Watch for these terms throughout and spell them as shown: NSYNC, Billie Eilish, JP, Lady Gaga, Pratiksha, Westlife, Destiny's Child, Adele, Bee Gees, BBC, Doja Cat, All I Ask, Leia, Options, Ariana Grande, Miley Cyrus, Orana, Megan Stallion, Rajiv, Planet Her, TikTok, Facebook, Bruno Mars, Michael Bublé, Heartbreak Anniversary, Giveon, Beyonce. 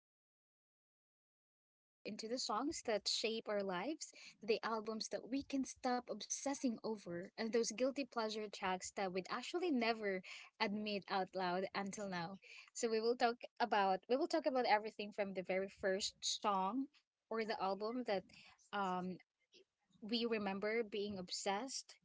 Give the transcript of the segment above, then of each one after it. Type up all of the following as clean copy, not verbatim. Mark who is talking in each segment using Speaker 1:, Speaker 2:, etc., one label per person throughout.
Speaker 1: For today's episode, we will dive into the songs that shape our lives, the albums that we can stop obsessing over, and those guilty pleasure tracks that we'd actually never admit out loud until now. So we will talk about everything from the very first song or the album that um, we remember being obsessed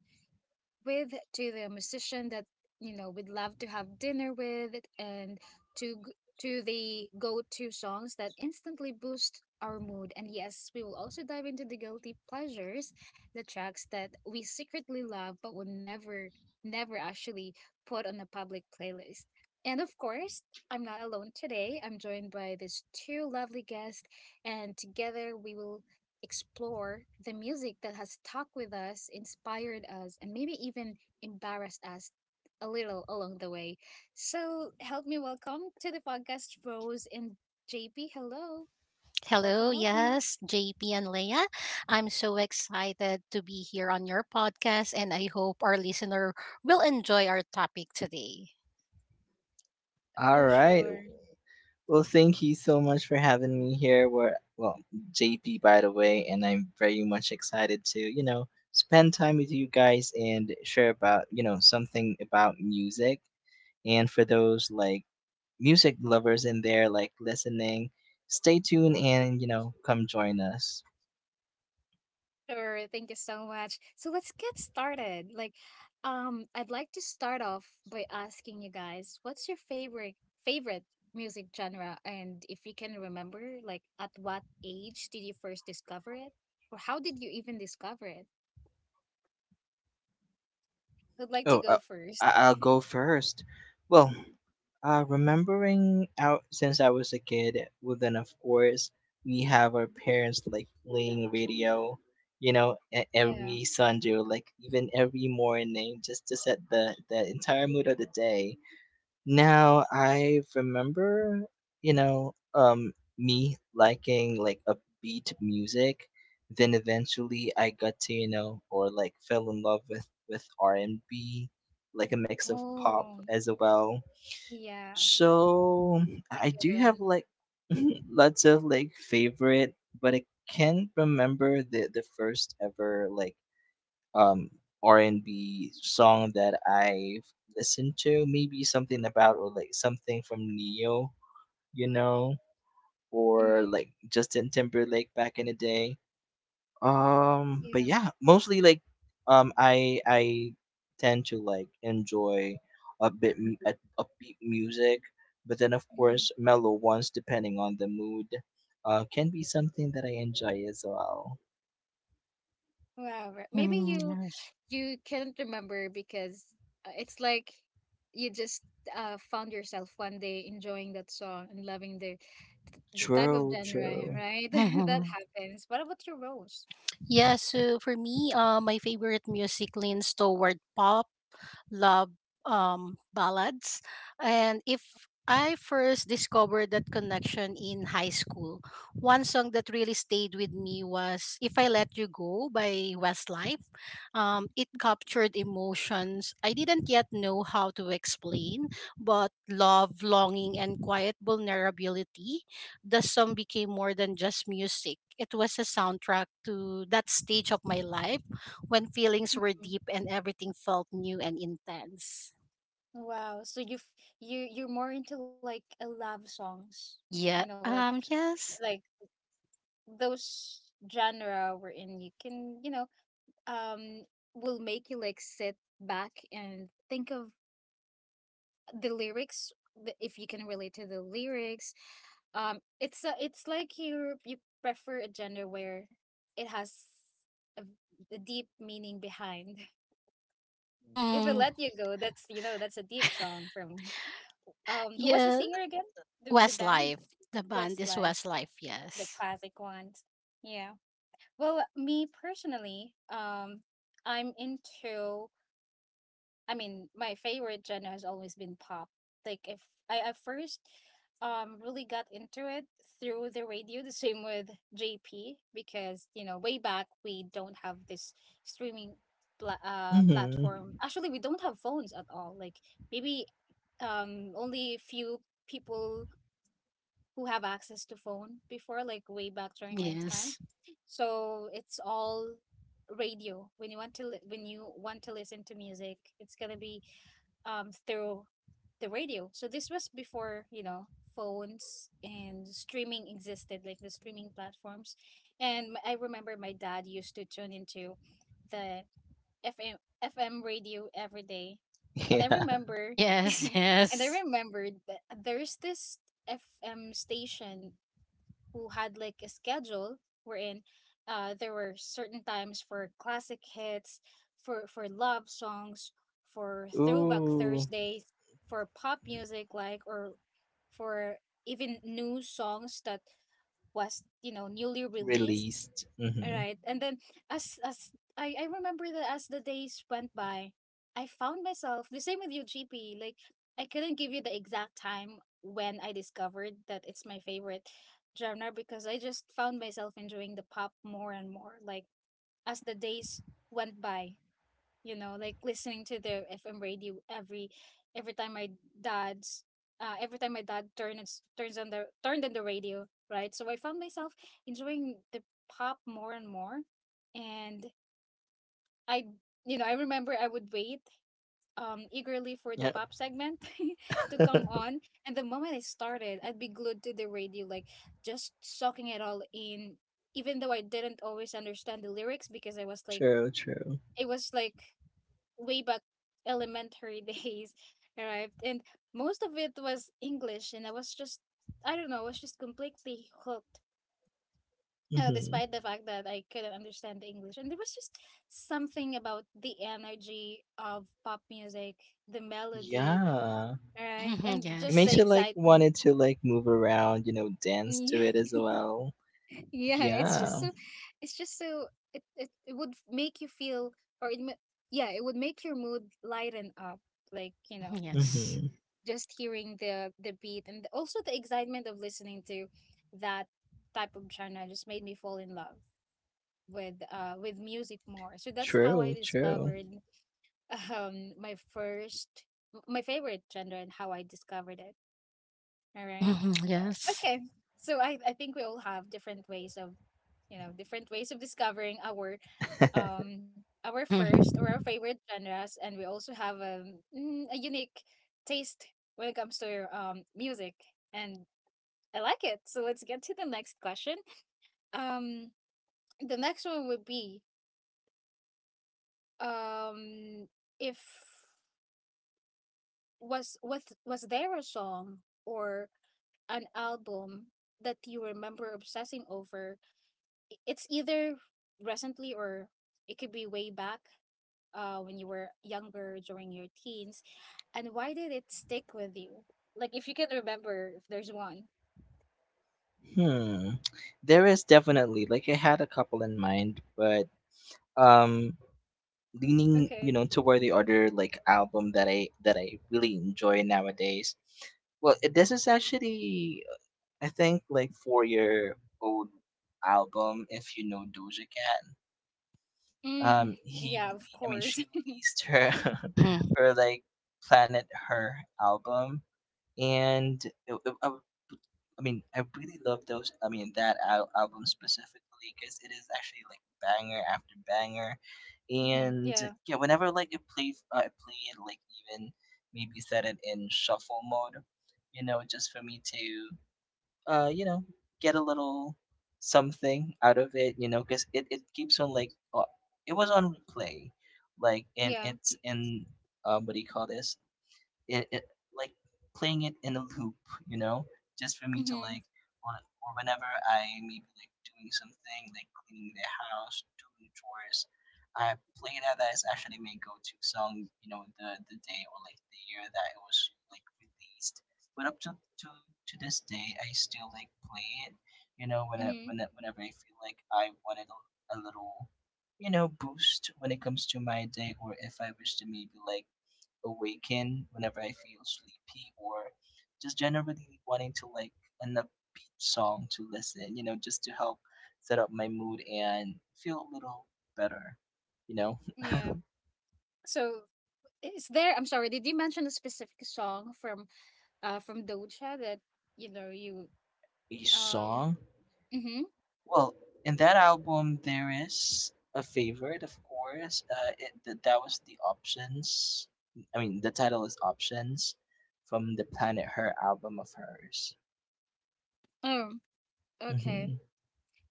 Speaker 1: with, to the musician that we'd love to have dinner with, and to g- to the go-to songs that instantly boost our mood. And yes, we will also dive into the guilty pleasures, the tracks that we secretly love but would never actually put on a public playlist. And of course, I'm not alone today. I'm joined by these two lovely guests, and together we will explore the music that has stuck with us, inspired us, and maybe even embarrassed us a little along the way. So, help me welcome to the podcast, Rose and JP. Hello.
Speaker 2: Hello,
Speaker 1: Welcome, welcome.
Speaker 2: yes, JP and Leia. I'm so excited to be here on your podcast, and I hope our listener will enjoy our topic today.
Speaker 3: All
Speaker 1: For
Speaker 3: right.
Speaker 1: sure.
Speaker 3: Well, thank you so much for having me here. We're well, JP, by the way, and I'm very much excited to spend time with you guys and share about something about music. And for those like music lovers in there, like listening, stay tuned and come join us.
Speaker 1: Sure, thank you so much. So let's get started. I'd like to start off by asking you guys, what's your favorite music genre, and if you can remember, like, at what age did you first discover it, or how did you even discover it? I'd like to go
Speaker 3: Oh, uh,
Speaker 1: first.
Speaker 3: I'll go first. Well, remembering out since I was a kid, well, then of course we have our parents like playing radio,
Speaker 1: Yeah.
Speaker 3: every Sunday, or, like even every morning, just to set the entire mood of the day. Now I remember, you know, um, me liking like upbeat music. Then eventually I got to or like fell in love with R&B, like a mix of
Speaker 1: Oh,
Speaker 3: pop as well,
Speaker 1: yeah, that's
Speaker 3: so I
Speaker 1: a good
Speaker 3: do
Speaker 1: one.
Speaker 3: have like lots of like favorite, but I can't remember the first ever like um R&B song that I've listened to. Maybe something about or like something from Neo, you know, or
Speaker 1: Mm,
Speaker 3: like Justin Timberlake back in the day. But
Speaker 1: yeah.
Speaker 3: yeah, mostly like I tend to like enjoy a bit upbeat music, but then of
Speaker 1: Mm.
Speaker 3: course mellow ones depending on the mood can be something that I enjoy as well.
Speaker 1: Wow, right. Maybe
Speaker 2: Mm,
Speaker 1: you
Speaker 2: yes.
Speaker 1: you can't remember because it's like you just found yourself one day enjoying that song and loving the type of
Speaker 3: True,
Speaker 1: genre,
Speaker 3: true.
Speaker 1: right? That
Speaker 2: Mm-hmm.
Speaker 1: happens. What about your Rose?
Speaker 2: Yeah, so for me, my favorite music leans toward pop love ballads. And if I first discovered that connection in high school, one song that really stayed with me was If I Let You Go by Westlife. It captured emotions I didn't yet know how to explain, but love, longing, and quiet vulnerability. The song became more than just music. It was a soundtrack to that stage of my life when feelings were
Speaker 1: Mhm.
Speaker 2: deep and everything felt new and intense.
Speaker 1: Wow. So you're more into like a love songs,
Speaker 2: Yeah.
Speaker 1: like
Speaker 2: Yes.
Speaker 1: like those genre wherein you can, um will make you like sit back and think of the lyrics, if you can relate to the lyrics. It's like you prefer a gender where it has a, a deep meaning behind. "If I
Speaker 2: Mm,
Speaker 1: Let You Go," that's, that's a deep song from who was the
Speaker 2: yeah.
Speaker 1: singer again, the band.
Speaker 2: Westlife. The band is
Speaker 1: Westlife.
Speaker 2: Westlife.
Speaker 1: The
Speaker 2: Yes.
Speaker 1: classic ones. Yeah, well, me personally, i'm into I mean, my favorite genre has always been pop. Like, if I first really got into it through the radio, the same with JP because, way back we don't have this streaming
Speaker 3: Mhm.
Speaker 1: platform. Actually, we don't have phones at all. Like, maybe only few people who have access to phone before, like way back during my time.
Speaker 2: Yes.
Speaker 1: So it's all radio. When you want to listen to music, it's gonna be through the radio. So this was before, you know, phones and streaming existed, like the streaming platforms. And I remember my dad used to tune into the FM FM radio every day. And I
Speaker 3: Yeah.
Speaker 1: remember
Speaker 2: Yes.
Speaker 1: And I remembered that there's this FM station who had like a schedule wherein, there were certain times for classic hits, for love songs, for throwback
Speaker 3: Ooh,
Speaker 1: Thursdays, for pop music, like, or for even new songs that was, you know, newly released.
Speaker 3: released. Mhm.
Speaker 1: Right. And then, as I remember, that as the days went by, I found myself the same with you, GP. Like, I couldn't give you the exact time when I discovered that it's my favorite genre, because I just found myself enjoying the pop more and more. Like, as the days went by, like listening to the FM radio, every time my dad's every time my dad turns turns on the turned on the radio, right? So I found myself enjoying the pop more and more, and I you know I remember I would wait eagerly for the
Speaker 3: Yeah.
Speaker 1: pop segment to come on. And the moment it started, I'd be glued to the radio, like, just soaking it all in, even though I didn't always understand the lyrics because I was like
Speaker 3: True, true.
Speaker 1: it was like way back elementary days arrived, and most of it was English, and I was just, I don't know, I was just completely hooked,
Speaker 3: Mhm.
Speaker 1: despite the fact that I couldn't understand the English. And there was just something about the energy of pop music, the melody,
Speaker 3: Yeah.
Speaker 1: right, and
Speaker 3: It
Speaker 1: just
Speaker 2: Yes.
Speaker 1: the
Speaker 3: makes you like
Speaker 1: excitement.
Speaker 3: wanted to like move around, dance to
Speaker 1: Yeah.
Speaker 3: it as well.
Speaker 1: Yeah, it's just
Speaker 3: Yeah.
Speaker 1: so it's just so it would make you feel, or it, ma- yeah, it would make your mood lighten up, like,
Speaker 2: Mhm, yes. Mhm, yes.
Speaker 3: Mm-hmm.
Speaker 1: just hearing the beat, and also the excitement of listening to that type of genre just made me fall in love with music more. So that's how I
Speaker 3: True, true.
Speaker 1: discovered um my first my favorite genre and how I discovered it. All right.
Speaker 2: Mhm, yes.
Speaker 1: Okay. So, I think we all have different ways of, discovering our
Speaker 2: Mhm,
Speaker 1: first or our favorite genres, and we also have a unique taste when it comes to music, and I like it. So let's get to the next question. Um, the next one would be, um, if was was there a song or an album that you remember obsessing over? It's either recently or it could be way back, when you were younger during your teens, and why did it stick with you? Like, if you can remember, if there's one.
Speaker 3: Hmm. There is definitely like I had a couple in mind, but um leaning,
Speaker 1: Okay.
Speaker 3: toward the other like album that I really enjoy nowadays. Well, this is actually I think like 4-year-old album if you know Doja Cat.
Speaker 1: Mm,
Speaker 3: He
Speaker 1: yeah, of
Speaker 3: really I mean
Speaker 1: course.
Speaker 3: she released her
Speaker 2: mhm.
Speaker 3: her like Planet Her album, and it, it, I mean, I really love those. I mean, that album specifically, because it is actually like banger after banger,
Speaker 1: Hmm.
Speaker 3: and
Speaker 1: Yeah,
Speaker 3: yeah, whenever like I play it, like even maybe set it in shuffle mode, just for me to, uh, you know, get a little something out of it, because it keeps on, like it was on replay, like and
Speaker 1: yeah.
Speaker 3: it's in what do you call this, it like playing it in a loop, you know, just for me to
Speaker 1: Hmm.
Speaker 3: like, or, or whenever I maybe like doing something like cleaning the house, doing chores, I play that as actually my go-to song, the day or like the year that it was like released. But up to this day, I still like play it,
Speaker 1: Mm-hmm.
Speaker 3: whenever I feel like I wanted a little, boost when it comes to my day, or if I wish to maybe like awaken whenever I feel sleepy or just generally wanting to like an upbeat song to listen, just to help set up my mood and feel a little better, you know.
Speaker 1: Yeah. So, is there? I'm sorry. Did you mention a specific song from Doja that, you
Speaker 3: A
Speaker 1: um?
Speaker 3: song?
Speaker 1: Mm-hmm.
Speaker 3: Well, in that album there is a favorite, of course. That was the options. I mean, the title is Options from the Planet Her album of hers.
Speaker 1: Oh, okay.
Speaker 3: Mm-hmm.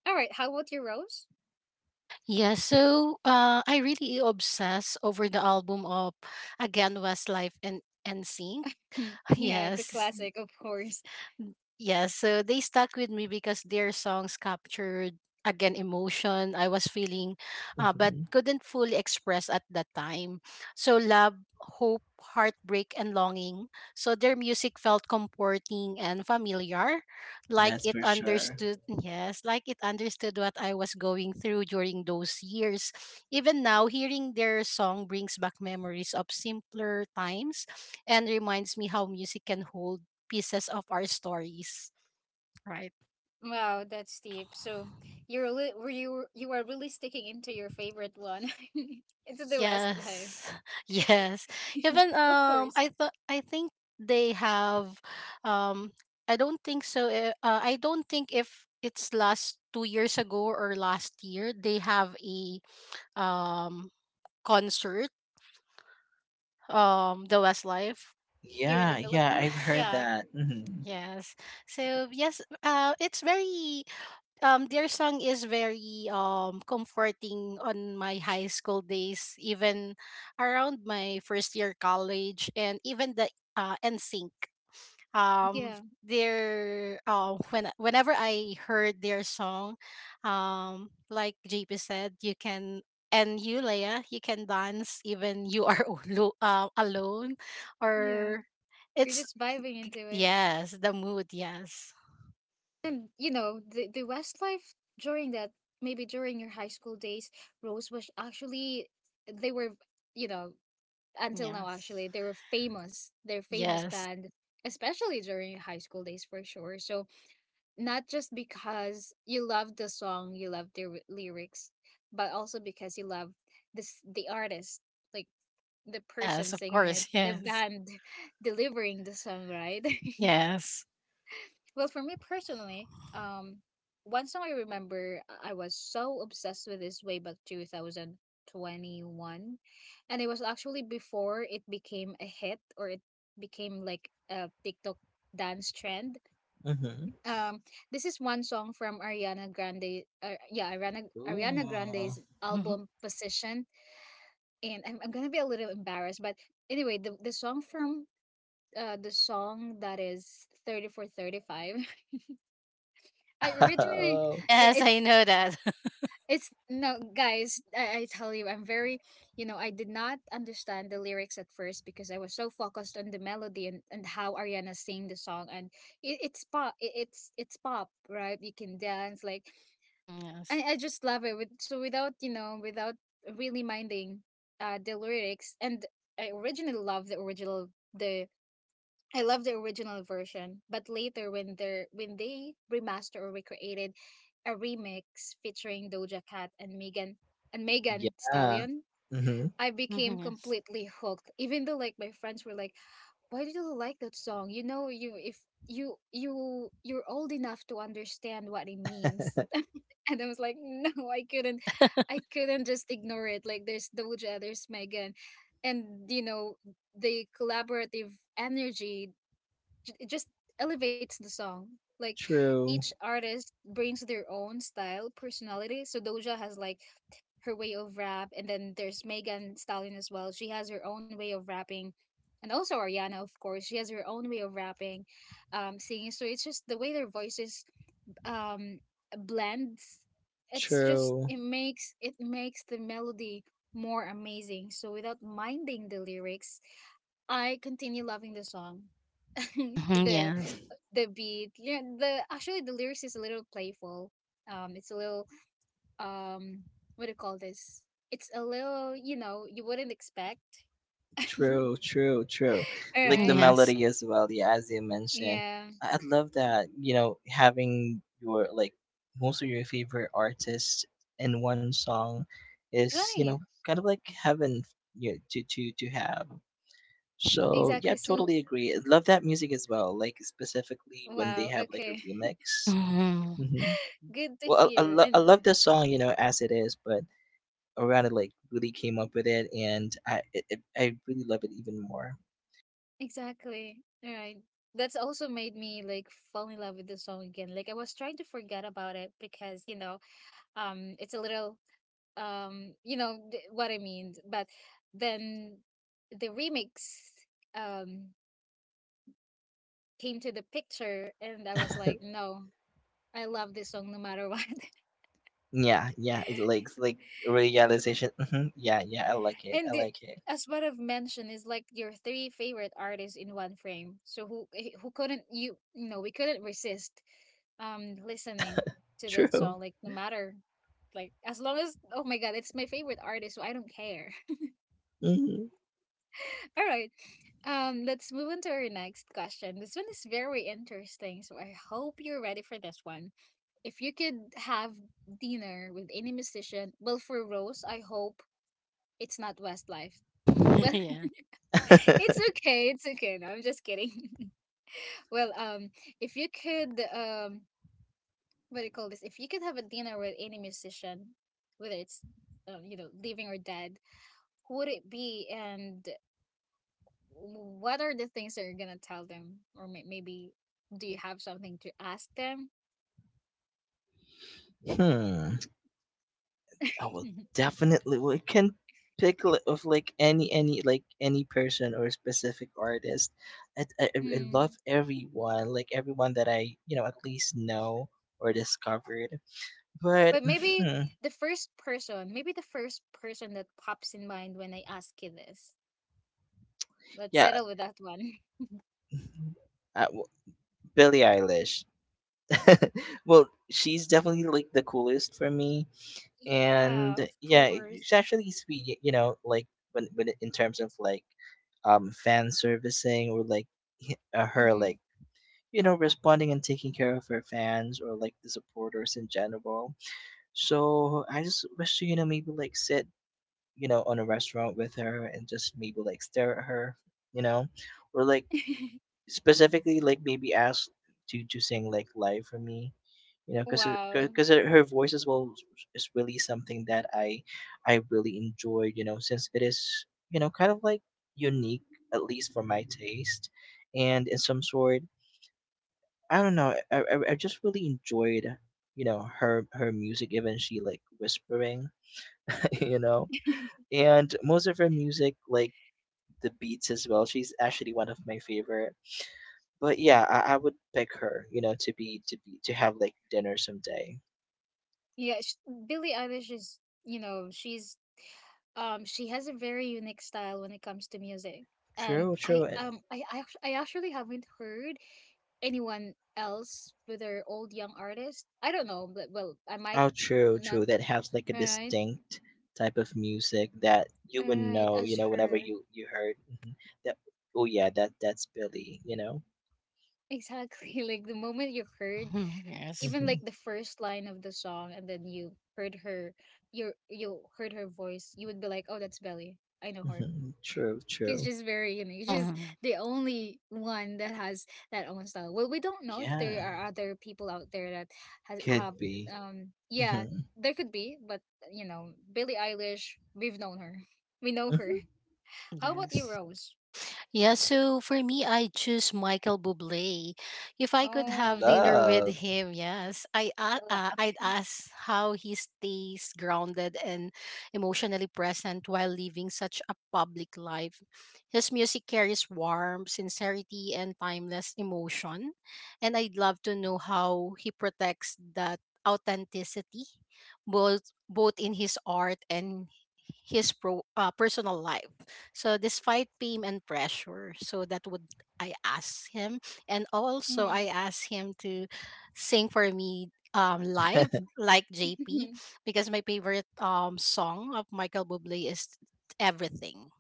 Speaker 1: All right. How about your Rose?
Speaker 2: Yeah, so I really obsess over the album of again Westlife and sync.
Speaker 1: Hmm. Yeah, the
Speaker 2: Yes.
Speaker 1: classic, of course.
Speaker 2: Mm. Yeah, so they stuck with me because their songs captured again emotion I was feeling, but
Speaker 3: Mm-hmm.
Speaker 2: couldn't fully express at that time. So love, hope, heartbreak and longing. So their music felt comforting and familiar, like
Speaker 3: That's
Speaker 2: it
Speaker 3: for sure.
Speaker 2: understood, yes, like it understood what I was going through during those years. Even now hearing their song brings back memories of simpler times and reminds me how music can hold pieces of our stories, right?
Speaker 1: Wow, that's deep. So were you you are really sticking into your favorite one. It's the
Speaker 2: Yes.
Speaker 1: Westlife,
Speaker 2: Yes. Even
Speaker 1: of course.
Speaker 2: I think they have, um, I don't think if it's last 2 years ago or last year they have a um concert, um, the Westlife.
Speaker 1: Here in the
Speaker 3: Yeah, yeah, I've
Speaker 1: Philippines.
Speaker 3: heard
Speaker 1: Yeah.
Speaker 3: that. Mhm.
Speaker 2: Yes. So yes, it's very their song is very comforting on my high school days, even around my first year college, and even the NSYNC. Um,
Speaker 1: Yeah.
Speaker 2: their when whenever I heard their song, um, like JP said, you can, and you Leia, you can dance even you are alone
Speaker 1: Yeah.
Speaker 2: or
Speaker 1: You're
Speaker 2: it's,
Speaker 1: just vibing into.
Speaker 2: yes, the mood. Yes,
Speaker 1: And the Westlife during that, maybe during your high school days, Rose, was actually, they were, you know until now,
Speaker 2: yes,
Speaker 1: actually, they were famous. They're famous
Speaker 2: yes.
Speaker 1: band, especially during your high school days, for sure. So, not just because you love the song, you love their lyrics, but also because you love this the artist, like, the person
Speaker 2: Yes, of
Speaker 1: singing it,
Speaker 2: course.
Speaker 1: the
Speaker 2: Yes.
Speaker 1: band delivering the song, right?
Speaker 2: Yes.
Speaker 1: Well, for me personally, one song I remember I was so obsessed with is way back 2021. And it was actually before it became a hit or it became like a TikTok dance trend.
Speaker 3: Mhm.
Speaker 1: Um, this is one song from Ariana Grande. Ariana
Speaker 3: Ooh.
Speaker 1: Grande's
Speaker 2: Mhm.
Speaker 1: album Position. And I'm going to be a little embarrassed. But anyway, the song from the song that is 4:35. I originally
Speaker 3: Oh,
Speaker 1: i-
Speaker 2: Yes, I
Speaker 1: it's
Speaker 2: know that.
Speaker 1: it's no, guys, I tell you, I'm very you know I did not understand the lyrics at first because I was so focused on the melody, and how Ariana sang the song. And it's pop, it's pop, right? You can dance, like,
Speaker 2: Mhm, yes.
Speaker 1: I just love it without, really minding the lyrics. And I originally loved the original the I love the original version. But later, when they remastered or recreated a remix featuring Doja Cat and Megan
Speaker 3: yeah.
Speaker 1: Stallion,
Speaker 3: Mhm.
Speaker 1: I became
Speaker 2: Mhm, yes.
Speaker 1: completely hooked. Even though, like, my friends were like, "Why do you like that song? You know, you if you you you're old enough to understand what it means." And I was like, "No, I couldn't. I couldn't just ignore it. Like, there's Doja, there's Megan, and the collaborative energy, it just elevates the song. Like,
Speaker 3: True.
Speaker 1: each artist brings their own style, personality. So Doja has, like, her way of rap, and then there's Megan Stallion as well. She has her own way of rapping, and also Ariana, of course, she has her own way of rapping, singing. So it's just the way their voices um blends. It's just,
Speaker 3: True.
Speaker 1: it makes the melody more amazing. So without minding the lyrics, I continue loving the song.
Speaker 2: Mhm,
Speaker 1: the
Speaker 2: yes.
Speaker 1: the beat, yeah, the actually the lyrics is a little playful, it's a little, um what do you call this, it's a little, you wouldn't expect.
Speaker 3: True, true, true.
Speaker 1: All
Speaker 3: Like
Speaker 2: Mhm,
Speaker 3: the
Speaker 1: right.
Speaker 2: yes.
Speaker 3: melody as well, yeah, as you mentioned.
Speaker 1: Yeah.
Speaker 3: I'd love that, having your like most of your favorite artists in one song is,
Speaker 1: Right.
Speaker 3: kind of like heaven, to have. So yeah,
Speaker 1: Exactly, so
Speaker 3: totally agree. I love that music as well. Like specifically when they
Speaker 1: wow,
Speaker 3: have like a
Speaker 1: okay.
Speaker 3: remix.
Speaker 2: Mhm.
Speaker 3: Hmm.
Speaker 1: Good to
Speaker 3: Well,
Speaker 1: hear.
Speaker 3: I
Speaker 1: And
Speaker 3: love the song, as it is, but Orana like really came up with it, and I really love it even more.
Speaker 1: exactly, all right, that's also made me like fall in love with the song again. Like I was trying to forget about it because it's a little, what I mean, but then the remix um came to the picture and I was like no, I love this song no matter what.
Speaker 3: Yeah, yeah, it like realization. Hmm. Yeah, yeah, I like it.
Speaker 1: And
Speaker 3: I like it.
Speaker 1: as what I've mentioned, is like your three favorite artists in one frame, so who, who couldn't, we couldn't resist listening to that
Speaker 3: True.
Speaker 1: song like no matter, like as long as, oh my god, it's my favorite artist, so I don't care.
Speaker 3: Hmm.
Speaker 1: All right. Let's move on to our next question. This one is very interesting, so I hope you're ready for this one. If you could have dinner with any musician, well, for Rose, I hope it's not Westlife. Well,
Speaker 2: Yeah.
Speaker 1: it's okay. It's okay. No, I'm just kidding. Well, if you could, what do you call this? If you could have a dinner with any musician, whether it's, you know, living or dead, who would it be, and what are the things that you're gonna tell them, or maybe do you have something to ask them?
Speaker 3: Hmm. I will definitely we can pick, of like any like any person or specific artist. I love
Speaker 1: Mm.
Speaker 3: everyone, like everyone that I at least know or discovered. But
Speaker 1: But maybe
Speaker 3: hmm,
Speaker 1: the first person, maybe the first person that pops in mind when I ask you this, let's
Speaker 3: yeah,
Speaker 1: settle with that one.
Speaker 3: uh, w- Billie Eilish. Well, she's definitely like the coolest for me,
Speaker 1: Yeah,
Speaker 3: and
Speaker 1: of
Speaker 3: yeah,
Speaker 1: course.
Speaker 3: she's actually sweet. In terms of like fan servicing or like her,
Speaker 1: Hmm.
Speaker 3: like responding and taking care of her fans or like the supporters in general. So I just wish to, maybe like sit, on a restaurant with her and just maybe like stare at her, you know, or like specifically like maybe ask to sing like live for me, you know, because
Speaker 1: Wow.
Speaker 3: because her voice as well is really something that I really enjoy, since it is kind of like unique at least for my taste, and in some sort I don't know. I just really enjoyed, her music. Even she like whispering, you know, and most of her music like the beats as well. She's actually one of my favorite. But yeah, I would pick her, to be to have like dinner someday.
Speaker 1: Yeah. Billie Eilish is, you know, she's, she has a very unique style when it comes to music. And
Speaker 3: True,
Speaker 1: I,
Speaker 3: true.
Speaker 1: I actually haven't heard anyone else with their old young artist. I don't know, but well, I might
Speaker 3: Oh, true,
Speaker 1: not.
Speaker 3: true. That has like a
Speaker 1: All right.
Speaker 3: distinct type of music that you would know,
Speaker 1: As
Speaker 3: whenever
Speaker 1: her.
Speaker 3: you heard, that. Oh yeah, that's Billy.
Speaker 1: Exactly. Like the moment you heard,
Speaker 2: Mhm, yes.
Speaker 1: even like
Speaker 3: hmm
Speaker 1: the first line of the song, and then you heard her, you heard her voice, you would be like, "Oh, that's Belly. I know her."
Speaker 3: hmm True,
Speaker 1: He's
Speaker 3: true.
Speaker 1: just very unique. He's just
Speaker 2: Mhm,
Speaker 1: the only one that has that own style. Well, we don't know if
Speaker 3: Yeah,
Speaker 1: there are other people out there that has
Speaker 3: could
Speaker 1: have,
Speaker 3: be.
Speaker 1: yeah,
Speaker 3: Mhm,
Speaker 1: there could be, but you know, Billie Eilish, we've known her. We know
Speaker 3: mhm.
Speaker 1: her. How about you,
Speaker 2: yes.
Speaker 1: Rose?
Speaker 2: Yeah, so for me, I choose Michael Bublé. If I could
Speaker 1: Oh,
Speaker 2: have dinner with
Speaker 3: Love.
Speaker 2: him, yes,
Speaker 1: wow.
Speaker 2: I'd ask how he stays grounded and emotionally present while living such a public life. His music carries warmth, sincerity, and timeless emotion, and I'd love to know how he protects that authenticity, both in his art and his personal life. So despite pain and pressure, so that would I ask him, and also I
Speaker 1: Mm.
Speaker 2: asked him to sing for me live like JP, because my favorite song of Michael Bublé is Everything.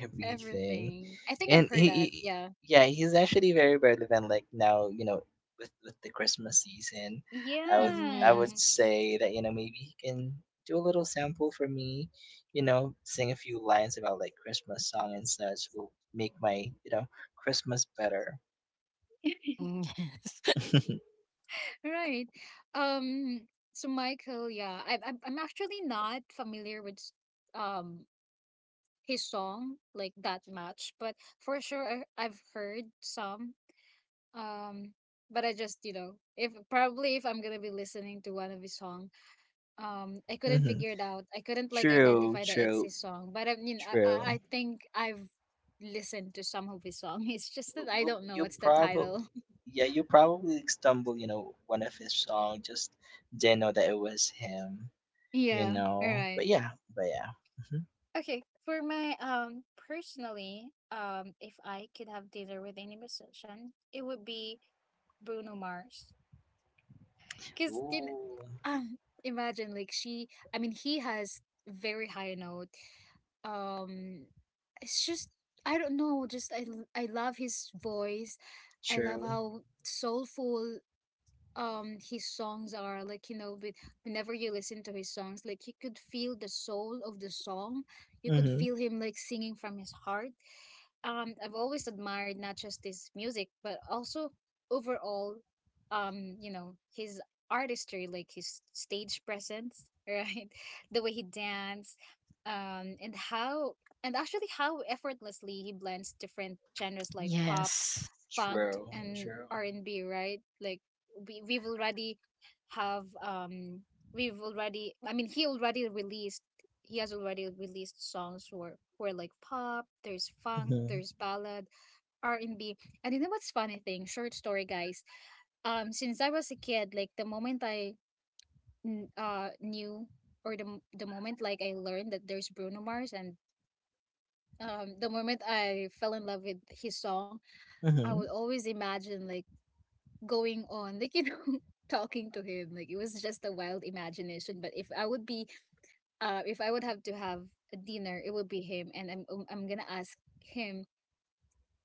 Speaker 3: Everything,
Speaker 1: Everything. I think
Speaker 3: and
Speaker 1: I've heard that. Yeah.
Speaker 3: yeah, he's actually very relevant. Like now, with the Christmas season, I would I
Speaker 2: Mhm,
Speaker 3: would
Speaker 1: Yeah.
Speaker 3: say that maybe he can do a little sample for me, sing a few lines about like Christmas song and such, will make my Christmas better.
Speaker 1: Right. Um. So Michael, yeah, I'm actually not familiar with um his song like that much, but for sure I've heard some. Um, but I just, you know, if probably if I'm gonna be listening to one of his song, I couldn't
Speaker 3: Hmm.
Speaker 1: figure it out. I couldn't like
Speaker 3: True,
Speaker 1: identify that it's
Speaker 3: true,
Speaker 1: his song. But I mean, I
Speaker 3: true.
Speaker 1: think I've listened to some of his song. It's just that
Speaker 3: W-
Speaker 1: I
Speaker 3: w-
Speaker 1: don't know
Speaker 3: you
Speaker 1: what's the
Speaker 3: probably
Speaker 1: title.
Speaker 3: Yeah, you probably stumble, one of his song, just didn't know that it was him,
Speaker 1: Yeah, all
Speaker 3: but
Speaker 1: right.
Speaker 3: yeah but yeah Hmm.
Speaker 1: Okay, for my personally, if I could have dinner with any musician, it would be Bruno Mars. Because
Speaker 3: Ooh.
Speaker 1: Um. Imagine like she, I mean, he has very high note. Um it's just, I don't know, just I love his voice. I love
Speaker 3: True.
Speaker 1: how soulful his songs are, like, you know, with, whenever you listen to his songs, like, you could feel the soul of the song, you could
Speaker 3: Mm-hmm.
Speaker 1: feel him like singing from his heart. I've always admired not just his music, but also overall, you know, his artistry, like his stage presence. Right, the way he danced, and how, and actually how effortlessly he blends different genres like pop,
Speaker 2: yes.
Speaker 1: funk,
Speaker 3: True,
Speaker 1: and
Speaker 3: true.
Speaker 1: R&B, right? Like we've already have, we've already I mean he already released, he has already released songs for like pop, there's funk,
Speaker 3: Mm-hmm.
Speaker 1: there's ballad, r&b and B. And you know what's funny thing, short story, guys, since I was a kid, like the moment I knew, or the moment like I learned that there's Bruno Mars, and the moment I fell in love with his song, I would
Speaker 3: Mm-hmm.
Speaker 1: always imagine like going on, like, you know, talking to him, like it was just a wild imagination. But if I would be, if I would have to have a dinner, it would be him, and I'm gonna ask him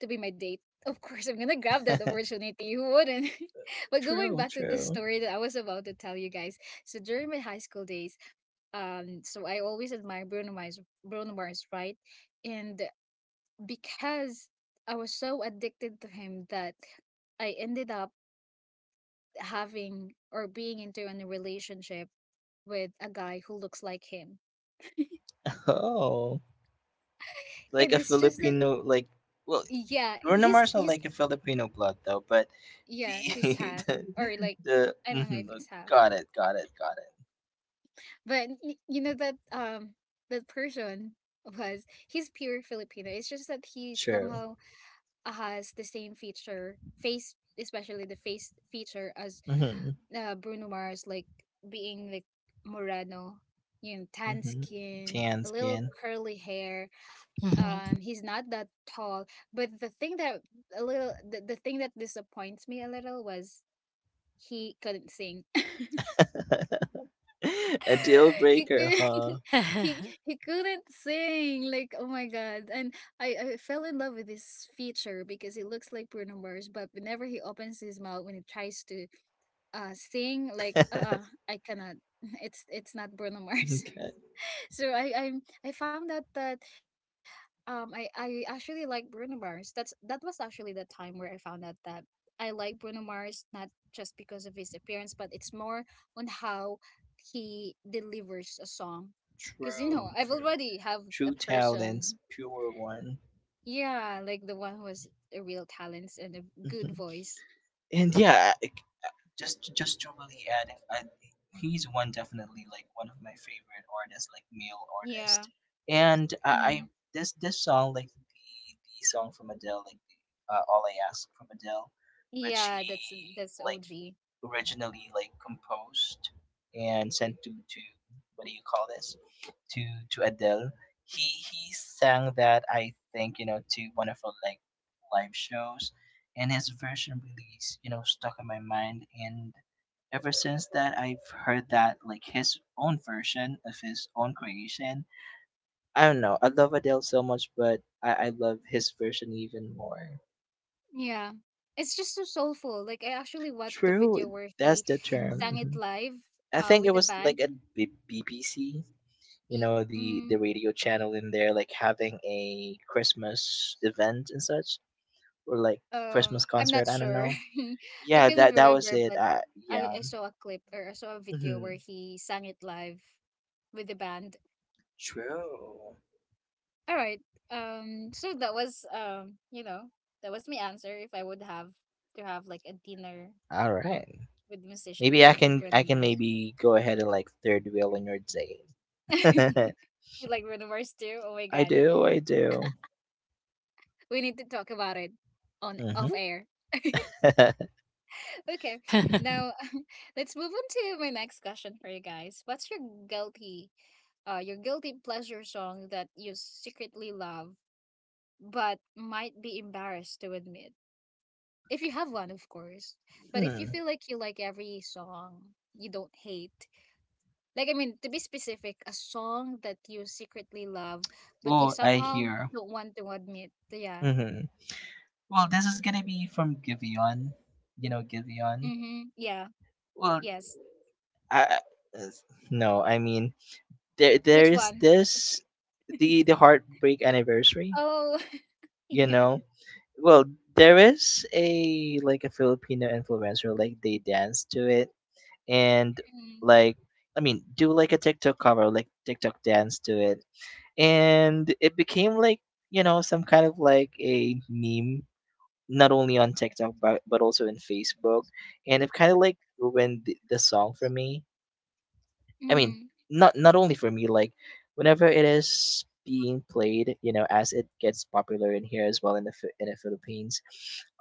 Speaker 1: to be my date, of course. I'm gonna grab that opportunity, who wouldn't? But going
Speaker 3: True,
Speaker 1: back to the
Speaker 3: true.
Speaker 1: story that I was about to tell you guys, so during my high school days, so I always admired Bruno Mars, right? And because I was so addicted to him that I ended up having, or being into, in a relationship with a guy who looks like him.
Speaker 3: Oh, like
Speaker 1: And
Speaker 3: a
Speaker 1: it's just that,
Speaker 3: Filipino? Like, well,
Speaker 1: yeah,
Speaker 3: Bruno
Speaker 1: he's
Speaker 3: Mars not
Speaker 1: he's
Speaker 3: like a Filipino blood though, but
Speaker 1: yeah,
Speaker 3: the.
Speaker 1: he's half, or like,
Speaker 3: The
Speaker 1: I don't know
Speaker 3: mhm,
Speaker 1: if it's half.
Speaker 3: got it, got it, got it.
Speaker 1: But you know that that person was, he's pure Filipino. It's just that he
Speaker 3: True.
Speaker 1: somehow has the same feature face, especially the face feature as,
Speaker 3: Mm-hmm.
Speaker 1: Bruno Mars, like being like Moreno, you know, tan
Speaker 3: Mhm.
Speaker 1: skin,
Speaker 3: Tan
Speaker 1: a little
Speaker 3: skin.
Speaker 1: curly hair,
Speaker 2: Mhm, yes. Yes. Mhm.
Speaker 1: he's not that tall. But the thing that a little the thing that disappoints me a little was he couldn't sing.
Speaker 3: A deal
Speaker 1: he
Speaker 3: breaker, huh?
Speaker 1: couldn't, he couldn't sing, like, oh my god. And I fell in love with his feature because he looks like Bruno Mars, but whenever he opens his mouth, when he tries to sing, like, I cannot, it's not Bruno Mars.
Speaker 3: Okay.
Speaker 1: So I I found out that I actually like Bruno Mars. That's, that was actually the time where I found out that I like Bruno Mars, not just because of his appearance, but it's more on how he delivers a song. 'Cause you know,
Speaker 3: True,
Speaker 1: I've
Speaker 3: true.
Speaker 1: already have a
Speaker 3: True talents,
Speaker 1: person,
Speaker 3: pure one.
Speaker 1: yeah, like the one who has a real talents and a good
Speaker 3: Mhm.
Speaker 1: voice.
Speaker 3: And yeah, just to really add, he's one definitely like one of my favorite artists, like male
Speaker 1: Yeah.
Speaker 3: artist. And I
Speaker 1: Mm-hmm.
Speaker 3: this song, like the song from Adele, like "All I Ask" from Adele, which
Speaker 1: Yeah,
Speaker 3: he
Speaker 1: that's
Speaker 3: like
Speaker 1: OG.
Speaker 3: originally like composed and sent to what do you call this, to to Adele. He sang that, I think, to one of her like live shows, and his version really, stuck in my mind. And ever since that, I've heard that like his own version of his own creation. I don't know. I love Adele so much, but I love his version even more.
Speaker 1: Yeah. It's just so soulful. Like I actually watched the
Speaker 3: True,
Speaker 1: video where
Speaker 3: that's
Speaker 1: he
Speaker 3: the term.
Speaker 2: Mhm.
Speaker 1: sang
Speaker 3: Mm-hmm.
Speaker 1: it live,
Speaker 3: I think it
Speaker 1: with a
Speaker 3: was like
Speaker 1: band.
Speaker 3: at BBC,
Speaker 1: He,
Speaker 3: the
Speaker 1: mm,
Speaker 3: radio channel in there, like having a Christmas event and such, or like Christmas
Speaker 1: I'm not
Speaker 3: concert. I don't
Speaker 1: sure.
Speaker 3: know.
Speaker 1: I
Speaker 3: Yeah,
Speaker 1: couldn't
Speaker 3: that was
Speaker 1: remember,
Speaker 3: it.
Speaker 1: but
Speaker 3: Yeah.
Speaker 1: I saw a clip, or I saw a video where
Speaker 3: Hmm.
Speaker 1: he sang it live with the band.
Speaker 3: True.
Speaker 1: All right. Um, so that was, you know, that was my answer. If I would have to have like a dinner
Speaker 3: All right.
Speaker 1: with musician,
Speaker 3: Maybe
Speaker 1: it
Speaker 3: I
Speaker 1: would be
Speaker 3: can I
Speaker 1: Bruno
Speaker 3: can
Speaker 1: Mars.
Speaker 3: maybe go ahead and like third wheel on your date.
Speaker 1: You like Bruno Mars too? Oh my
Speaker 3: I
Speaker 1: god.
Speaker 3: do. I do.
Speaker 1: We need to talk about it on
Speaker 3: Mm-hmm.
Speaker 1: off air. Okay. Now let's move on to my next question for you guys. What's your guilty, your guilty pleasure song that you secretly love but might be embarrassed to admit? If you have one, of course. But if you
Speaker 3: Hmm.
Speaker 1: feel like you like every song, you don't hate. Like, I mean, to be specific, a song that you secretly love but you
Speaker 3: Oh, I
Speaker 1: somehow
Speaker 3: hear.
Speaker 1: don't want to admit. Yeah.
Speaker 3: Mm-hmm. Well, this is gonna be from Giveon. You know Giveon.
Speaker 1: Mm-hmm. Yeah.
Speaker 3: Well,
Speaker 1: Yes.
Speaker 3: I, no, I mean, there
Speaker 1: Which
Speaker 3: is
Speaker 1: one? Which
Speaker 3: this the heartbreak anniversary,
Speaker 1: Oh,
Speaker 3: you
Speaker 1: yeah.
Speaker 3: know. Well, there is a like a Filipino influencer, like they dance to it, and
Speaker 1: Mm,
Speaker 3: like I mean do like a TikTok cover, like TikTok dance to it, and it became like some kind of like a meme, not only on TikTok but also in Facebook, and it kind of like ruined the song for me. I mean,
Speaker 1: mm,
Speaker 3: not only for me, like whenever it is being played, as it gets popular in here as well in the Philippines,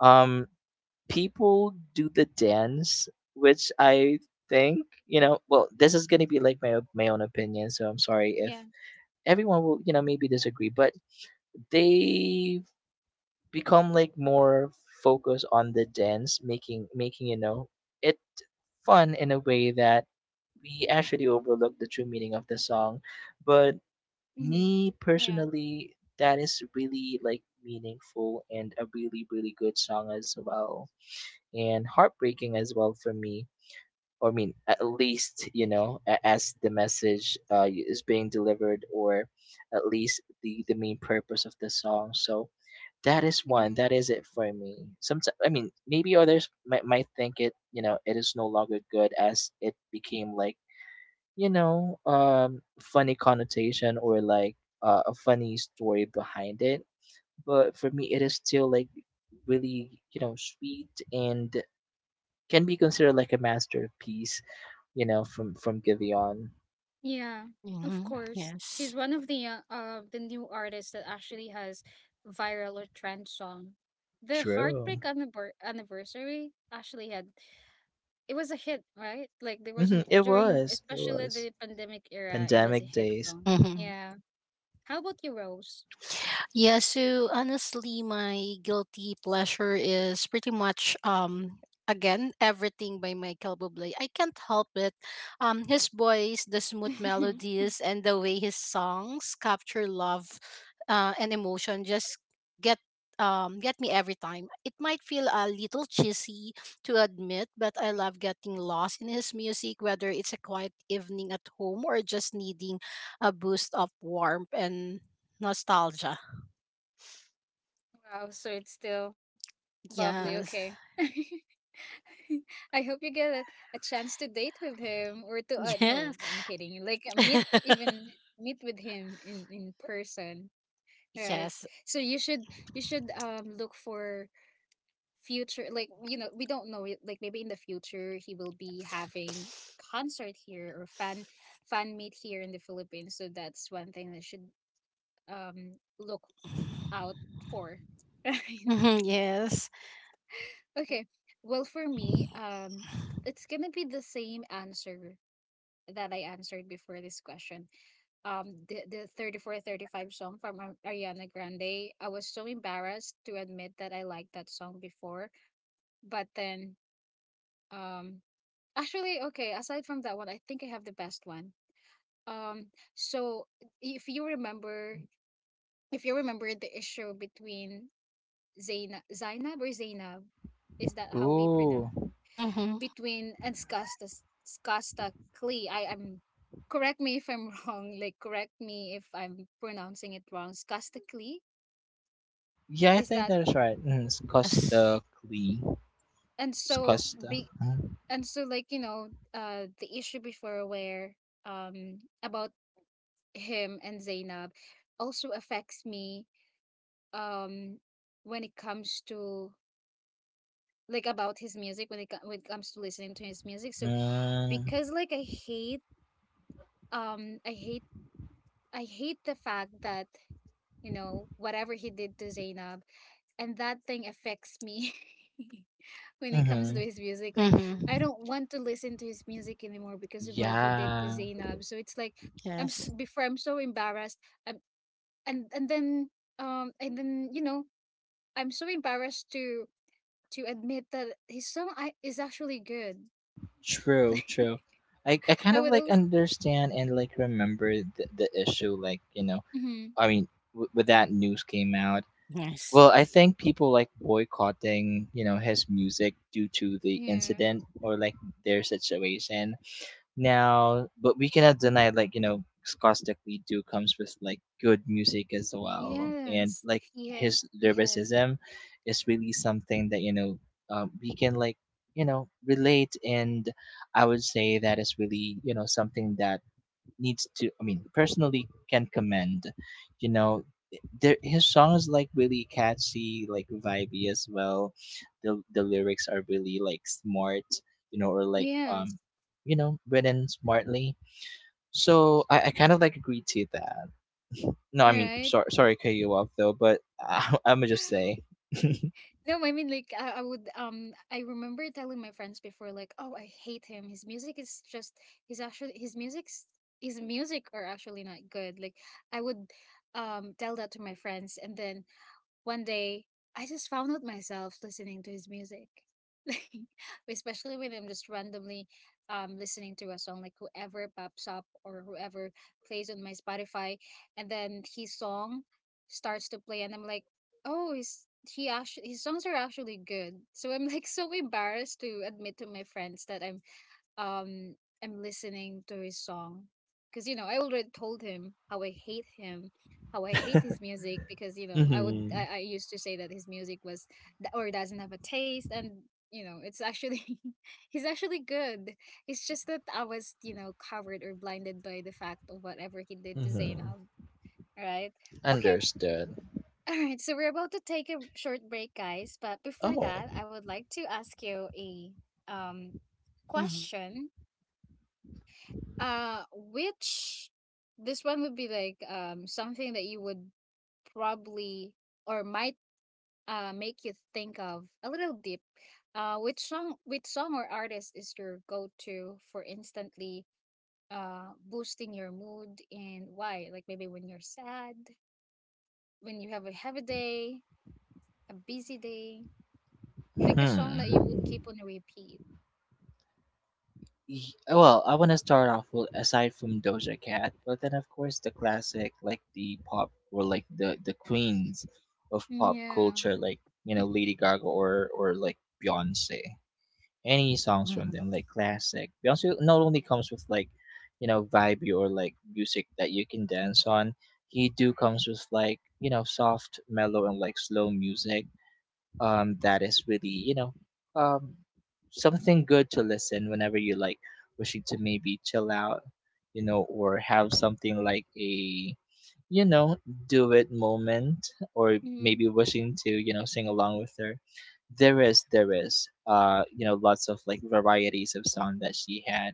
Speaker 3: um, people do the dance, which I think. Well, this is gonna be like my own opinion, so I'm sorry if
Speaker 1: yeah.
Speaker 3: everyone will maybe disagree, but they become like more focused on the dance, making it fun in a way that we actually overlook the true meaning of the song. But
Speaker 1: Mm,
Speaker 3: me
Speaker 1: yeah.
Speaker 3: personally, that is really like meaningful and a really, really good song as well, and heartbreaking as well for me. Or I mean, at least as the message, is being delivered, or at least the main purpose of the song. So that is
Speaker 1: Mm,
Speaker 3: one. That is it for me. Sometimes, I mean, maybe others might think it is no longer good as it became like, funny connotation or like a funny story behind it. But for me, it is still like really sweet and can be considered like a masterpiece, from Giveon.
Speaker 1: yeah. Of
Speaker 2: Mhm.
Speaker 1: course.
Speaker 2: Yes.
Speaker 1: She's one of the new artists that actually has viral or trend song. The
Speaker 3: True.
Speaker 1: Heartbreak Anniversary actually had, it was a hit, right? Like there was an,
Speaker 3: It
Speaker 1: during
Speaker 3: was. It
Speaker 1: especially
Speaker 3: was.
Speaker 1: the pandemic era, it was a
Speaker 3: Pandemic
Speaker 1: hit
Speaker 3: days.
Speaker 1: song.
Speaker 2: Mhm.
Speaker 1: Yeah. How about you, Rose?
Speaker 2: Yeah, so honestly, my guilty pleasure is pretty much again everything by Michael Bublé. I can't help it. His voice, the smooth melodies, and the way his songs capture love, and emotion just get get me every time. It might feel a little cheesy to admit, but I love getting lost in his music, whether it's a quiet evening at home or just needing a boost of warmth and nostalgia.
Speaker 1: Wow, so it's still bubbly,
Speaker 2: Yes.
Speaker 1: okay. I hope you get a chance to date with him, or to, no,
Speaker 2: Yes.
Speaker 1: I'm kidding. Like, meet, even meet with him in person, right?
Speaker 2: Yes.
Speaker 1: So you should, look for future, like, you know, we don't know it, like maybe in the future he will be having concert here, or fan meet here in the Philippines. So that's one thing that should look out for.
Speaker 2: Hmm, yes.
Speaker 1: Okay. Well, for me, it's gonna be the same answer that I answered before this question. The 34 35 song from Ariana Grande. I was so embarrassed to admit that I liked that song before, but then um actually, okay, aside from that one, I think I have the best one. Um, so if you remember, the issue between Zainab or Zainab, is that how we pronounce
Speaker 3: Ooh.
Speaker 2: Hmm,
Speaker 1: between and Skasta, Skasta Klee. I am, correct me if I'm wrong. Like, correct me if I'm pronouncing it wrong. Skasta Klee,
Speaker 3: Yeah, I
Speaker 1: is
Speaker 3: think
Speaker 1: that,
Speaker 3: that is right. Mm, it's
Speaker 2: yes.
Speaker 3: Costa Clee.
Speaker 1: and
Speaker 3: It's
Speaker 1: so
Speaker 3: Costa.
Speaker 1: the,
Speaker 3: Huh?
Speaker 1: and so, like, you know, the issue before where about him and Zainab also affects me, um when it comes to like about his music, when when it comes to listening to his music. So
Speaker 3: Mm,
Speaker 1: because like I hate, um I hate I hate the fact that, you know, whatever he did to Zainab. And that thing affects me when it comes to
Speaker 3: mm-hmm.
Speaker 1: his music. Like, I
Speaker 2: Hmm,
Speaker 1: don't want to listen to his music anymore because of what he did to
Speaker 3: Yeah,
Speaker 1: Zainab. So it's like, I'm s
Speaker 2: yes.
Speaker 1: before, I'm so embarrassed. I'm, and then and then, you know, I'm so embarrassed to, admit that his song is actually good.
Speaker 3: true,
Speaker 1: Like
Speaker 3: true. I kind
Speaker 1: I
Speaker 3: of
Speaker 1: would
Speaker 3: like
Speaker 1: always.
Speaker 3: understand and like remember the issue. Like, you know,
Speaker 1: Mhm.
Speaker 3: I mean, when that news came out,
Speaker 2: Yes.
Speaker 3: well, I think people like boycotting, you know, his music due to the
Speaker 1: Yeah,
Speaker 3: incident or like their situation now. But we cannot deny, like, you know, Skostek do comes with, like, good music as well. And,
Speaker 1: yes,
Speaker 3: like, his
Speaker 1: he has,
Speaker 3: lyricism is really something that, you know, we can, like, you know, relate. And I would say that is really, you know, something that needs to personally can commend, you know, there his song is like really catchy, like vibey as well. The lyrics are really like smart, you know, or like
Speaker 1: yes,
Speaker 3: um, you know, written smartly. So I kind of like agree to that. No, I
Speaker 1: all
Speaker 3: mean,
Speaker 1: right.
Speaker 3: sorry to cut you off though, but I, I'm gonna just say
Speaker 1: No, I mean like I would I remember telling my friends before like, oh, I hate him, his music is just he's actually his music's his music are actually not good, like I would tell that to my friends. And then one day, I just found out myself listening to his music. Like, especially when I'm just randomly listening to a song, like whoever pops up or whoever plays on my Spotify, and then his song starts to play, and I'm like, oh, he actually, his songs are actually good. So I'm like, so embarrassed to admit to my friends that I'm um am listening to his song because, you know, I already told him how I hate him, how I hate his music, because you know I would
Speaker 3: mm-hmm,
Speaker 1: I, I used to say that his music was or doesn't have a taste. And you know, it's actually, he's actually good. It's just that I was, you know, covered or blinded by the fact of whatever he did to
Speaker 3: mm-hmm.
Speaker 1: Zainab, right? Okay,
Speaker 3: Understood.
Speaker 1: all right. So we're about to take a short break, guys. But before
Speaker 3: Oh.
Speaker 1: that, I would like to ask you a um
Speaker 2: Hmm.
Speaker 1: question, which this one would be like something that you would probably or might make you think of a little deep. Which song or artist is your go-to for instantly boosting your mood, and why? Like maybe when you're sad, when you have a heavy day, a busy day, pick a song that you
Speaker 3: hmm
Speaker 1: would keep on repeat.
Speaker 3: Well, I want to start off with aside from Doja Cat, but then of course the classic, like the pop or like the queens of pop
Speaker 1: Yeah.
Speaker 3: culture, like you know, Lady Gaga or like Beyonce. Any songs from them
Speaker 2: Hmm.
Speaker 3: like classic. Beyonce not only comes with like, you know, vibey or like music that you can dance on, he do comes with like, you know, soft, mellow, and like slow music that is really, you know, um, something good to listen whenever you like wishing to maybe chill out, you know, or have something like a, you know, do it moment, or maybe
Speaker 1: Mhm.
Speaker 3: wishing to, you know, sing along with her. There is you know, lots of like varieties of song that she had,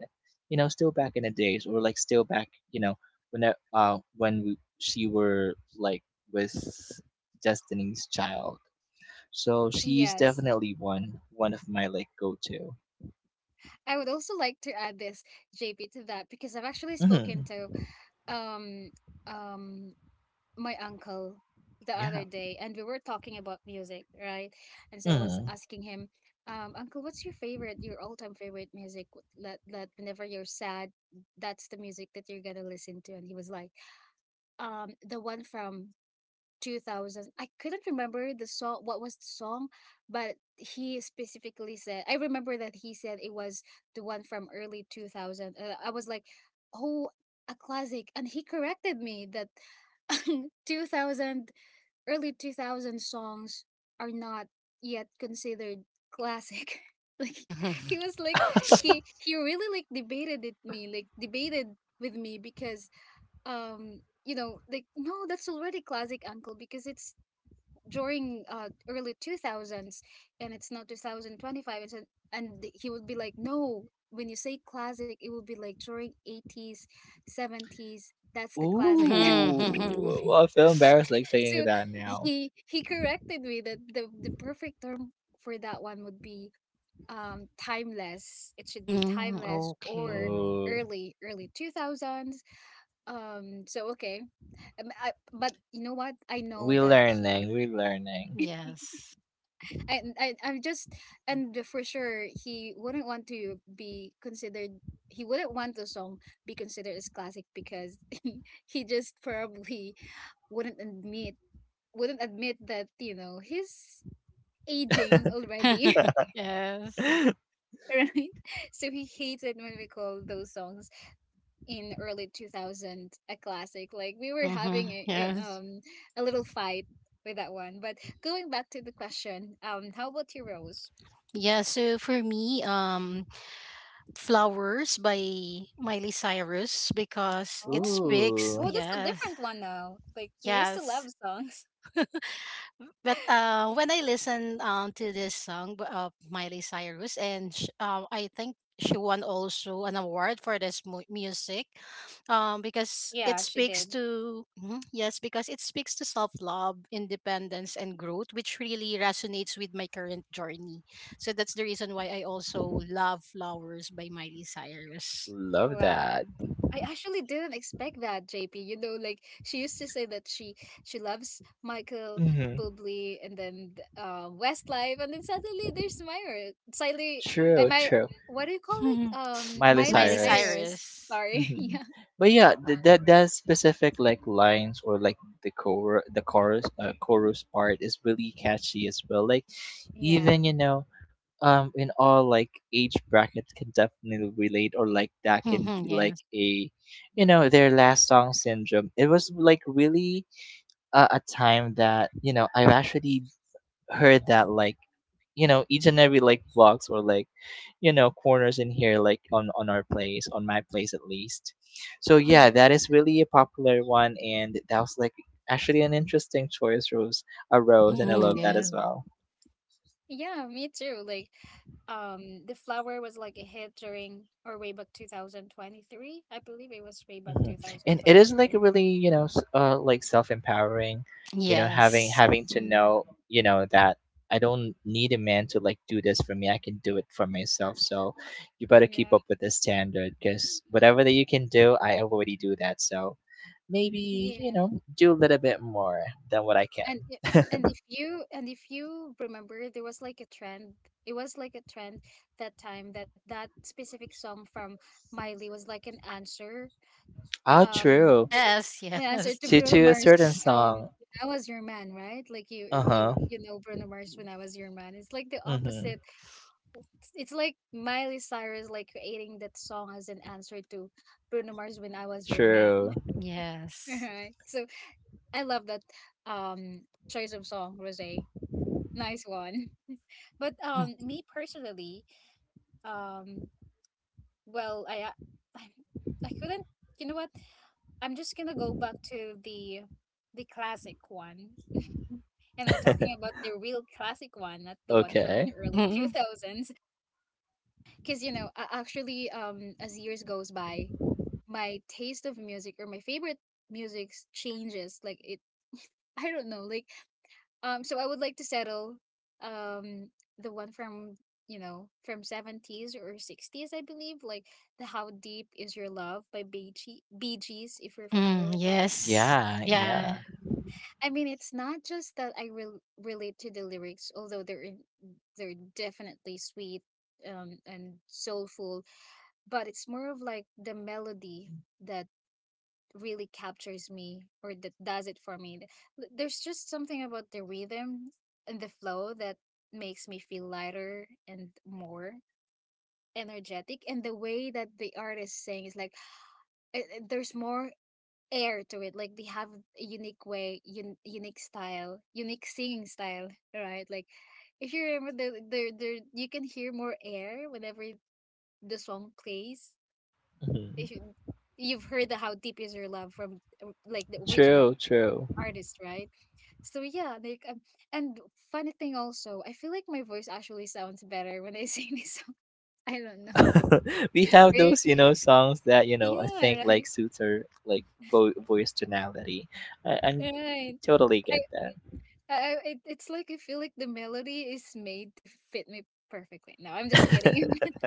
Speaker 3: you know, still back in the days or like still back, you know, when she were like with Destiny's Child. So she's
Speaker 1: Yes,
Speaker 3: definitely one of my like go to.
Speaker 1: I would also like to add this, JP, to that because I've actually spoken
Speaker 3: Hmm.
Speaker 1: to um um my uncle the other
Speaker 3: Yeah.
Speaker 1: day, and we were talking about music, right? And so I was
Speaker 3: Mm.
Speaker 1: asking him, Uncle, what's your favorite, your all time favorite music, that that whenever you're sad, that's the music that you're gonna listen to? And he was like, the one from 2000. I couldn't remember the song, what was the song, but he specifically said, I remember that he said it was the one from early 2000. I was like, oh, a classic. And he corrected me that 2000, early 2000 songs are not yet considered classic. Like, he was like, he really like debated it me, like debated with me because, um, you know, like, no, that's already classic, uncle, because it's during early 2000s, and it's not 2025, and he would be like, no, when you say classic it would be like during 80s, 70s, that's the classic.
Speaker 3: Ooh.
Speaker 2: Hmm.
Speaker 3: Well, I feel embarrassed like saying
Speaker 1: So
Speaker 3: that now.
Speaker 1: he corrected me that the perfect term for that one would be, um, timeless. It should be
Speaker 2: Hmm.
Speaker 1: timeless, or
Speaker 2: Okay.
Speaker 3: Ooh.
Speaker 1: early early 2000s, um, so okay. I, but you know what? I know
Speaker 3: We're
Speaker 1: that he,
Speaker 3: learning. We're learning.
Speaker 2: Yes.
Speaker 1: I'm just, and for sure he wouldn't want to be considered, he wouldn't want the song be considered as classic, because he just probably wouldn't admit, wouldn't admit that, you know, he's aging already.
Speaker 2: Yes.
Speaker 1: Right, so he hates it when we call those songs in early 2000 a classic. Like we were
Speaker 2: Mm-hmm.
Speaker 1: having a,
Speaker 2: Yes.
Speaker 1: um, a little fight with that one. But going back to the question, how about you, Rose?
Speaker 2: Yeah, so for me, Flowers by Miley Cyrus because it
Speaker 1: Oh,
Speaker 2: speaks,
Speaker 3: Ooh.
Speaker 1: oh, that's a
Speaker 2: yes,
Speaker 1: different one now. Like, you used to love
Speaker 2: yes,
Speaker 1: songs.
Speaker 2: But when I listen, to this song of Miley Cyrus, and I think she won also an award for this music, because it
Speaker 1: Yeah, she
Speaker 2: speaks
Speaker 1: did.
Speaker 2: to, mhm, yes, because it speaks to self-love, independence and growth, which really resonates with my current journey. So that's the reason why I also love Flowers by Miley Cyrus.
Speaker 3: Love
Speaker 1: Wow.
Speaker 3: that.
Speaker 1: I actually didn't expect that, JP. You know, like, she used to say that she loves Michael
Speaker 3: Hmm.
Speaker 1: Bublé and then Westlife, and then suddenly there's Myra. Slightly, I
Speaker 3: True.
Speaker 1: my,
Speaker 3: True.
Speaker 1: what do you call it?
Speaker 3: Miley
Speaker 1: Miley
Speaker 2: Miley
Speaker 3: Cyrus.
Speaker 1: Cyrus.
Speaker 2: Cyrus.
Speaker 1: Sorry.
Speaker 3: Hmm.
Speaker 1: Yeah.
Speaker 3: But yeah, that that specific like lines or like the chorus chorus part is really catchy as well. Like
Speaker 1: Yeah.
Speaker 3: even you know, in all like age brackets can definitely relate or like that can be like
Speaker 2: Yes.
Speaker 3: a, you know, their last song syndrome. It was like really a time that you know, I've actually heard that like, you know, each and every like vlogs or like, you know, corners in here, like on our place, on my place at least. So yeah,
Speaker 1: Mm.
Speaker 3: that is really a popular one and that was like actually an interesting choice, Rose. A Rose, and I love that
Speaker 2: Yes.
Speaker 3: as well.
Speaker 1: Yeah. Me too. Like, the flower was like a hit during or way back 2023. I believe it was way back
Speaker 3: Hmm. And it is like
Speaker 1: 2023.
Speaker 3: really, you know, like self empowering, you know, having
Speaker 2: Yes.
Speaker 3: having to
Speaker 1: Mm.
Speaker 3: know, you know, that I don't need a man to like do this for me. I can do it for myself. So you better keep
Speaker 1: Yeah.
Speaker 3: up with the standard because whatever that you can do, I already do that. So maybe, you
Speaker 1: Yeah.
Speaker 3: know, do a little bit more than what I can.
Speaker 1: And i- and if you, and if you remember, there was like a trend. It was like a trend that time, that that specific song from Miley was like
Speaker 3: Oh,
Speaker 1: um,
Speaker 3: true.
Speaker 2: Yes.
Speaker 1: an answer
Speaker 2: Yes.
Speaker 1: to
Speaker 3: To
Speaker 1: Bruno
Speaker 3: to a
Speaker 1: Mars.
Speaker 3: certain song.
Speaker 1: When I Was Your Man, right? Like, you,
Speaker 3: Uh
Speaker 1: you,
Speaker 3: huh.
Speaker 1: you know Bruno Mars. When I Was Your Man, it's like the
Speaker 3: Mm-hmm.
Speaker 1: opposite. It's like Miley Cyrus, like creating that song as an answer to Bruno Mars. When I Was Your Man,
Speaker 3: True.
Speaker 2: Yes.
Speaker 1: right? So I love that um choice of song, Rosé. Nice one. But me personally, um, well, I, I couldn't. You know what? I'm just gonna go back to the classic one, and I'm talking about the real classic one, not the one from the
Speaker 3: Okay.
Speaker 1: early
Speaker 2: Mm-hmm.
Speaker 1: 2000s. Because you know, actually, as years goes by, my taste of music or my favorite music changes. Like, it, I don't know. Like, um, so I would like to settle um the one from, you know, from 70s or 60s, I believe, like the How Deep Is Your Love by Bee Gees, if you're familiar
Speaker 2: Mm,
Speaker 1: with that.
Speaker 2: yes.
Speaker 3: Yeah.
Speaker 2: Yeah.
Speaker 3: Yeah.
Speaker 1: I mean, it's not just that I relate to the lyrics, although they're definitely sweet, and soulful, but it's more of like the melody that really captures me, or that does it for me. There's just something about the rhythm and the flow that makes me feel lighter and more energetic, and the way that the artist saying is like, there's more air to it. Like, they have a unique way, unique style, unique singing style, right? Like, if you remember, the the you can hear more air whenever the song plays, if
Speaker 3: Hmm.
Speaker 1: you, you've heard the How Deep Is Your Love from, like the original
Speaker 3: True. True.
Speaker 1: artist, right? So yeah, like, and funny thing also, I feel like my voice actually sounds better when I sing this song. I don't know.
Speaker 3: We have
Speaker 1: Right?
Speaker 3: those, you know, songs that you know, I think
Speaker 1: Yeah, right.
Speaker 3: like suits her like voice tonality. I
Speaker 1: Right.
Speaker 3: totally
Speaker 1: I,
Speaker 3: get
Speaker 1: it's like, I feel like the melody is made to fit me perfectly. No, I'm just kidding.
Speaker 3: that.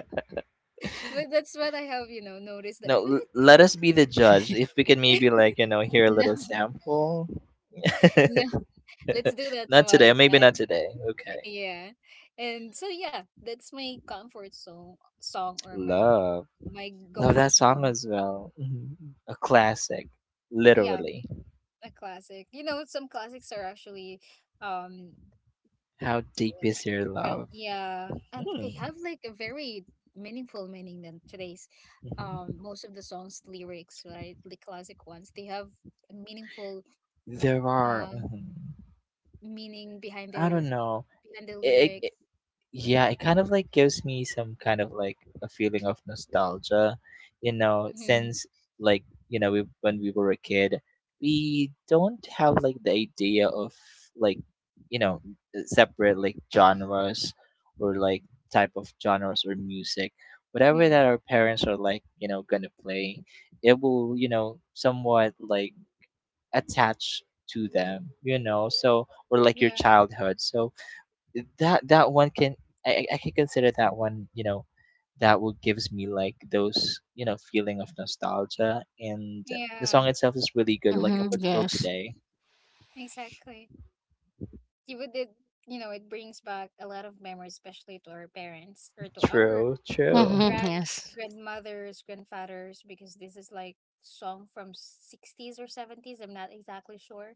Speaker 1: But that's what I have, you know, noticed that
Speaker 3: No,
Speaker 1: I feel
Speaker 3: let us be the judge if we can
Speaker 1: like,
Speaker 3: maybe like, you know, hear a
Speaker 1: no,
Speaker 3: little sample.
Speaker 1: no, let's do that some
Speaker 3: Not today,
Speaker 1: other
Speaker 3: maybe not
Speaker 1: time.
Speaker 3: today, okay.
Speaker 1: Yeah. And so yeah, that's my comfort song, or my
Speaker 3: Love, love
Speaker 1: go-to
Speaker 3: that song
Speaker 1: song.
Speaker 3: as well. Mhm. A classic,
Speaker 1: Yeah,
Speaker 3: literally.
Speaker 1: a classic. You know, some classics are actually, um,
Speaker 3: How deep is your love.
Speaker 1: yeah, and
Speaker 3: Hmm.
Speaker 1: they have like a very meaningful meaning than today's,
Speaker 3: Mhm.
Speaker 1: most of the songs lyrics, right? The classic ones, they have a meaningful,
Speaker 3: There are,
Speaker 1: um,
Speaker 3: mhm.
Speaker 1: meaning behind
Speaker 3: I
Speaker 1: their,
Speaker 3: don't know.
Speaker 1: behind the
Speaker 3: It.
Speaker 1: lyrics.
Speaker 3: Yeah, it kind of like gives me some kind of like a feeling of nostalgia, you know,
Speaker 1: Mm-hmm.
Speaker 3: since like, you know, when we were a kid, we don't have like the idea of like, you know, separate like genres or like type of genres or music. Whatever
Speaker 1: Hmm.
Speaker 3: that our parents are like, you know, gonna play, it will, you know, somewhat like attach to them, you know, so or like your
Speaker 1: Yeah,
Speaker 3: childhood. So that that one can I can consider that one, you know, that will gives me like those, you know, feeling of nostalgia and the
Speaker 1: yeah,
Speaker 3: song itself is really good, like
Speaker 2: Mm-hmm.
Speaker 3: up until
Speaker 2: Yes.
Speaker 3: today.
Speaker 1: exactly. You it, you know, it brings back a lot of memories, especially to our parents, or to our
Speaker 3: True, true.
Speaker 2: Mm-hmm.
Speaker 1: grand,
Speaker 2: Yes.
Speaker 1: grandmothers, grandfathers, because this is like song from 60s or 70s. I'm not exactly sure.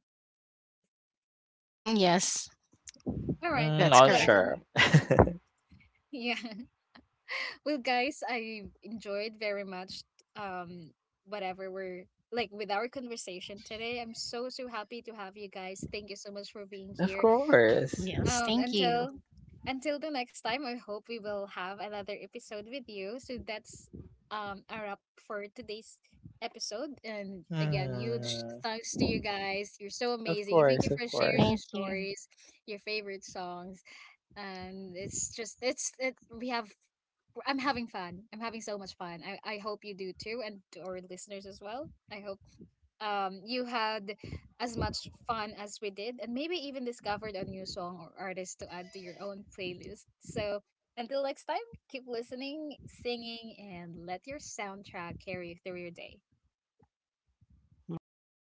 Speaker 2: Mm-hmm. Yes.
Speaker 1: All right.
Speaker 3: Mm,
Speaker 2: That's
Speaker 3: not
Speaker 2: correct.
Speaker 1: Well,
Speaker 3: sure.
Speaker 1: yeah. Well, guys, I enjoyed very much um whatever we're like with our conversation today. I'm so so happy to have you guys. Thank you so much for being
Speaker 3: Of
Speaker 1: here.
Speaker 3: course.
Speaker 2: Yes.
Speaker 1: Um,
Speaker 2: Thank you.
Speaker 1: until until the next time, I hope we will have another episode with you. So that's a wrap for today's episode. And again, huge
Speaker 3: Hmm.
Speaker 1: thanks to you guys. You're so
Speaker 3: Of
Speaker 1: amazing. Thank
Speaker 3: course,
Speaker 1: you
Speaker 3: of
Speaker 1: for
Speaker 3: course.
Speaker 1: sharing your
Speaker 2: Thank you.
Speaker 1: stories, your favorite songs. And it's just it's it, we have I'm having fun. I'm having so much fun. I hope you do too, and to our listeners as well. I hope, you had as much fun as we did, and maybe even discovered a new song or artist to add to your own playlist. So until next time, keep listening, singing, and let your soundtrack carry you through your day.
Speaker 2: Bye. Thank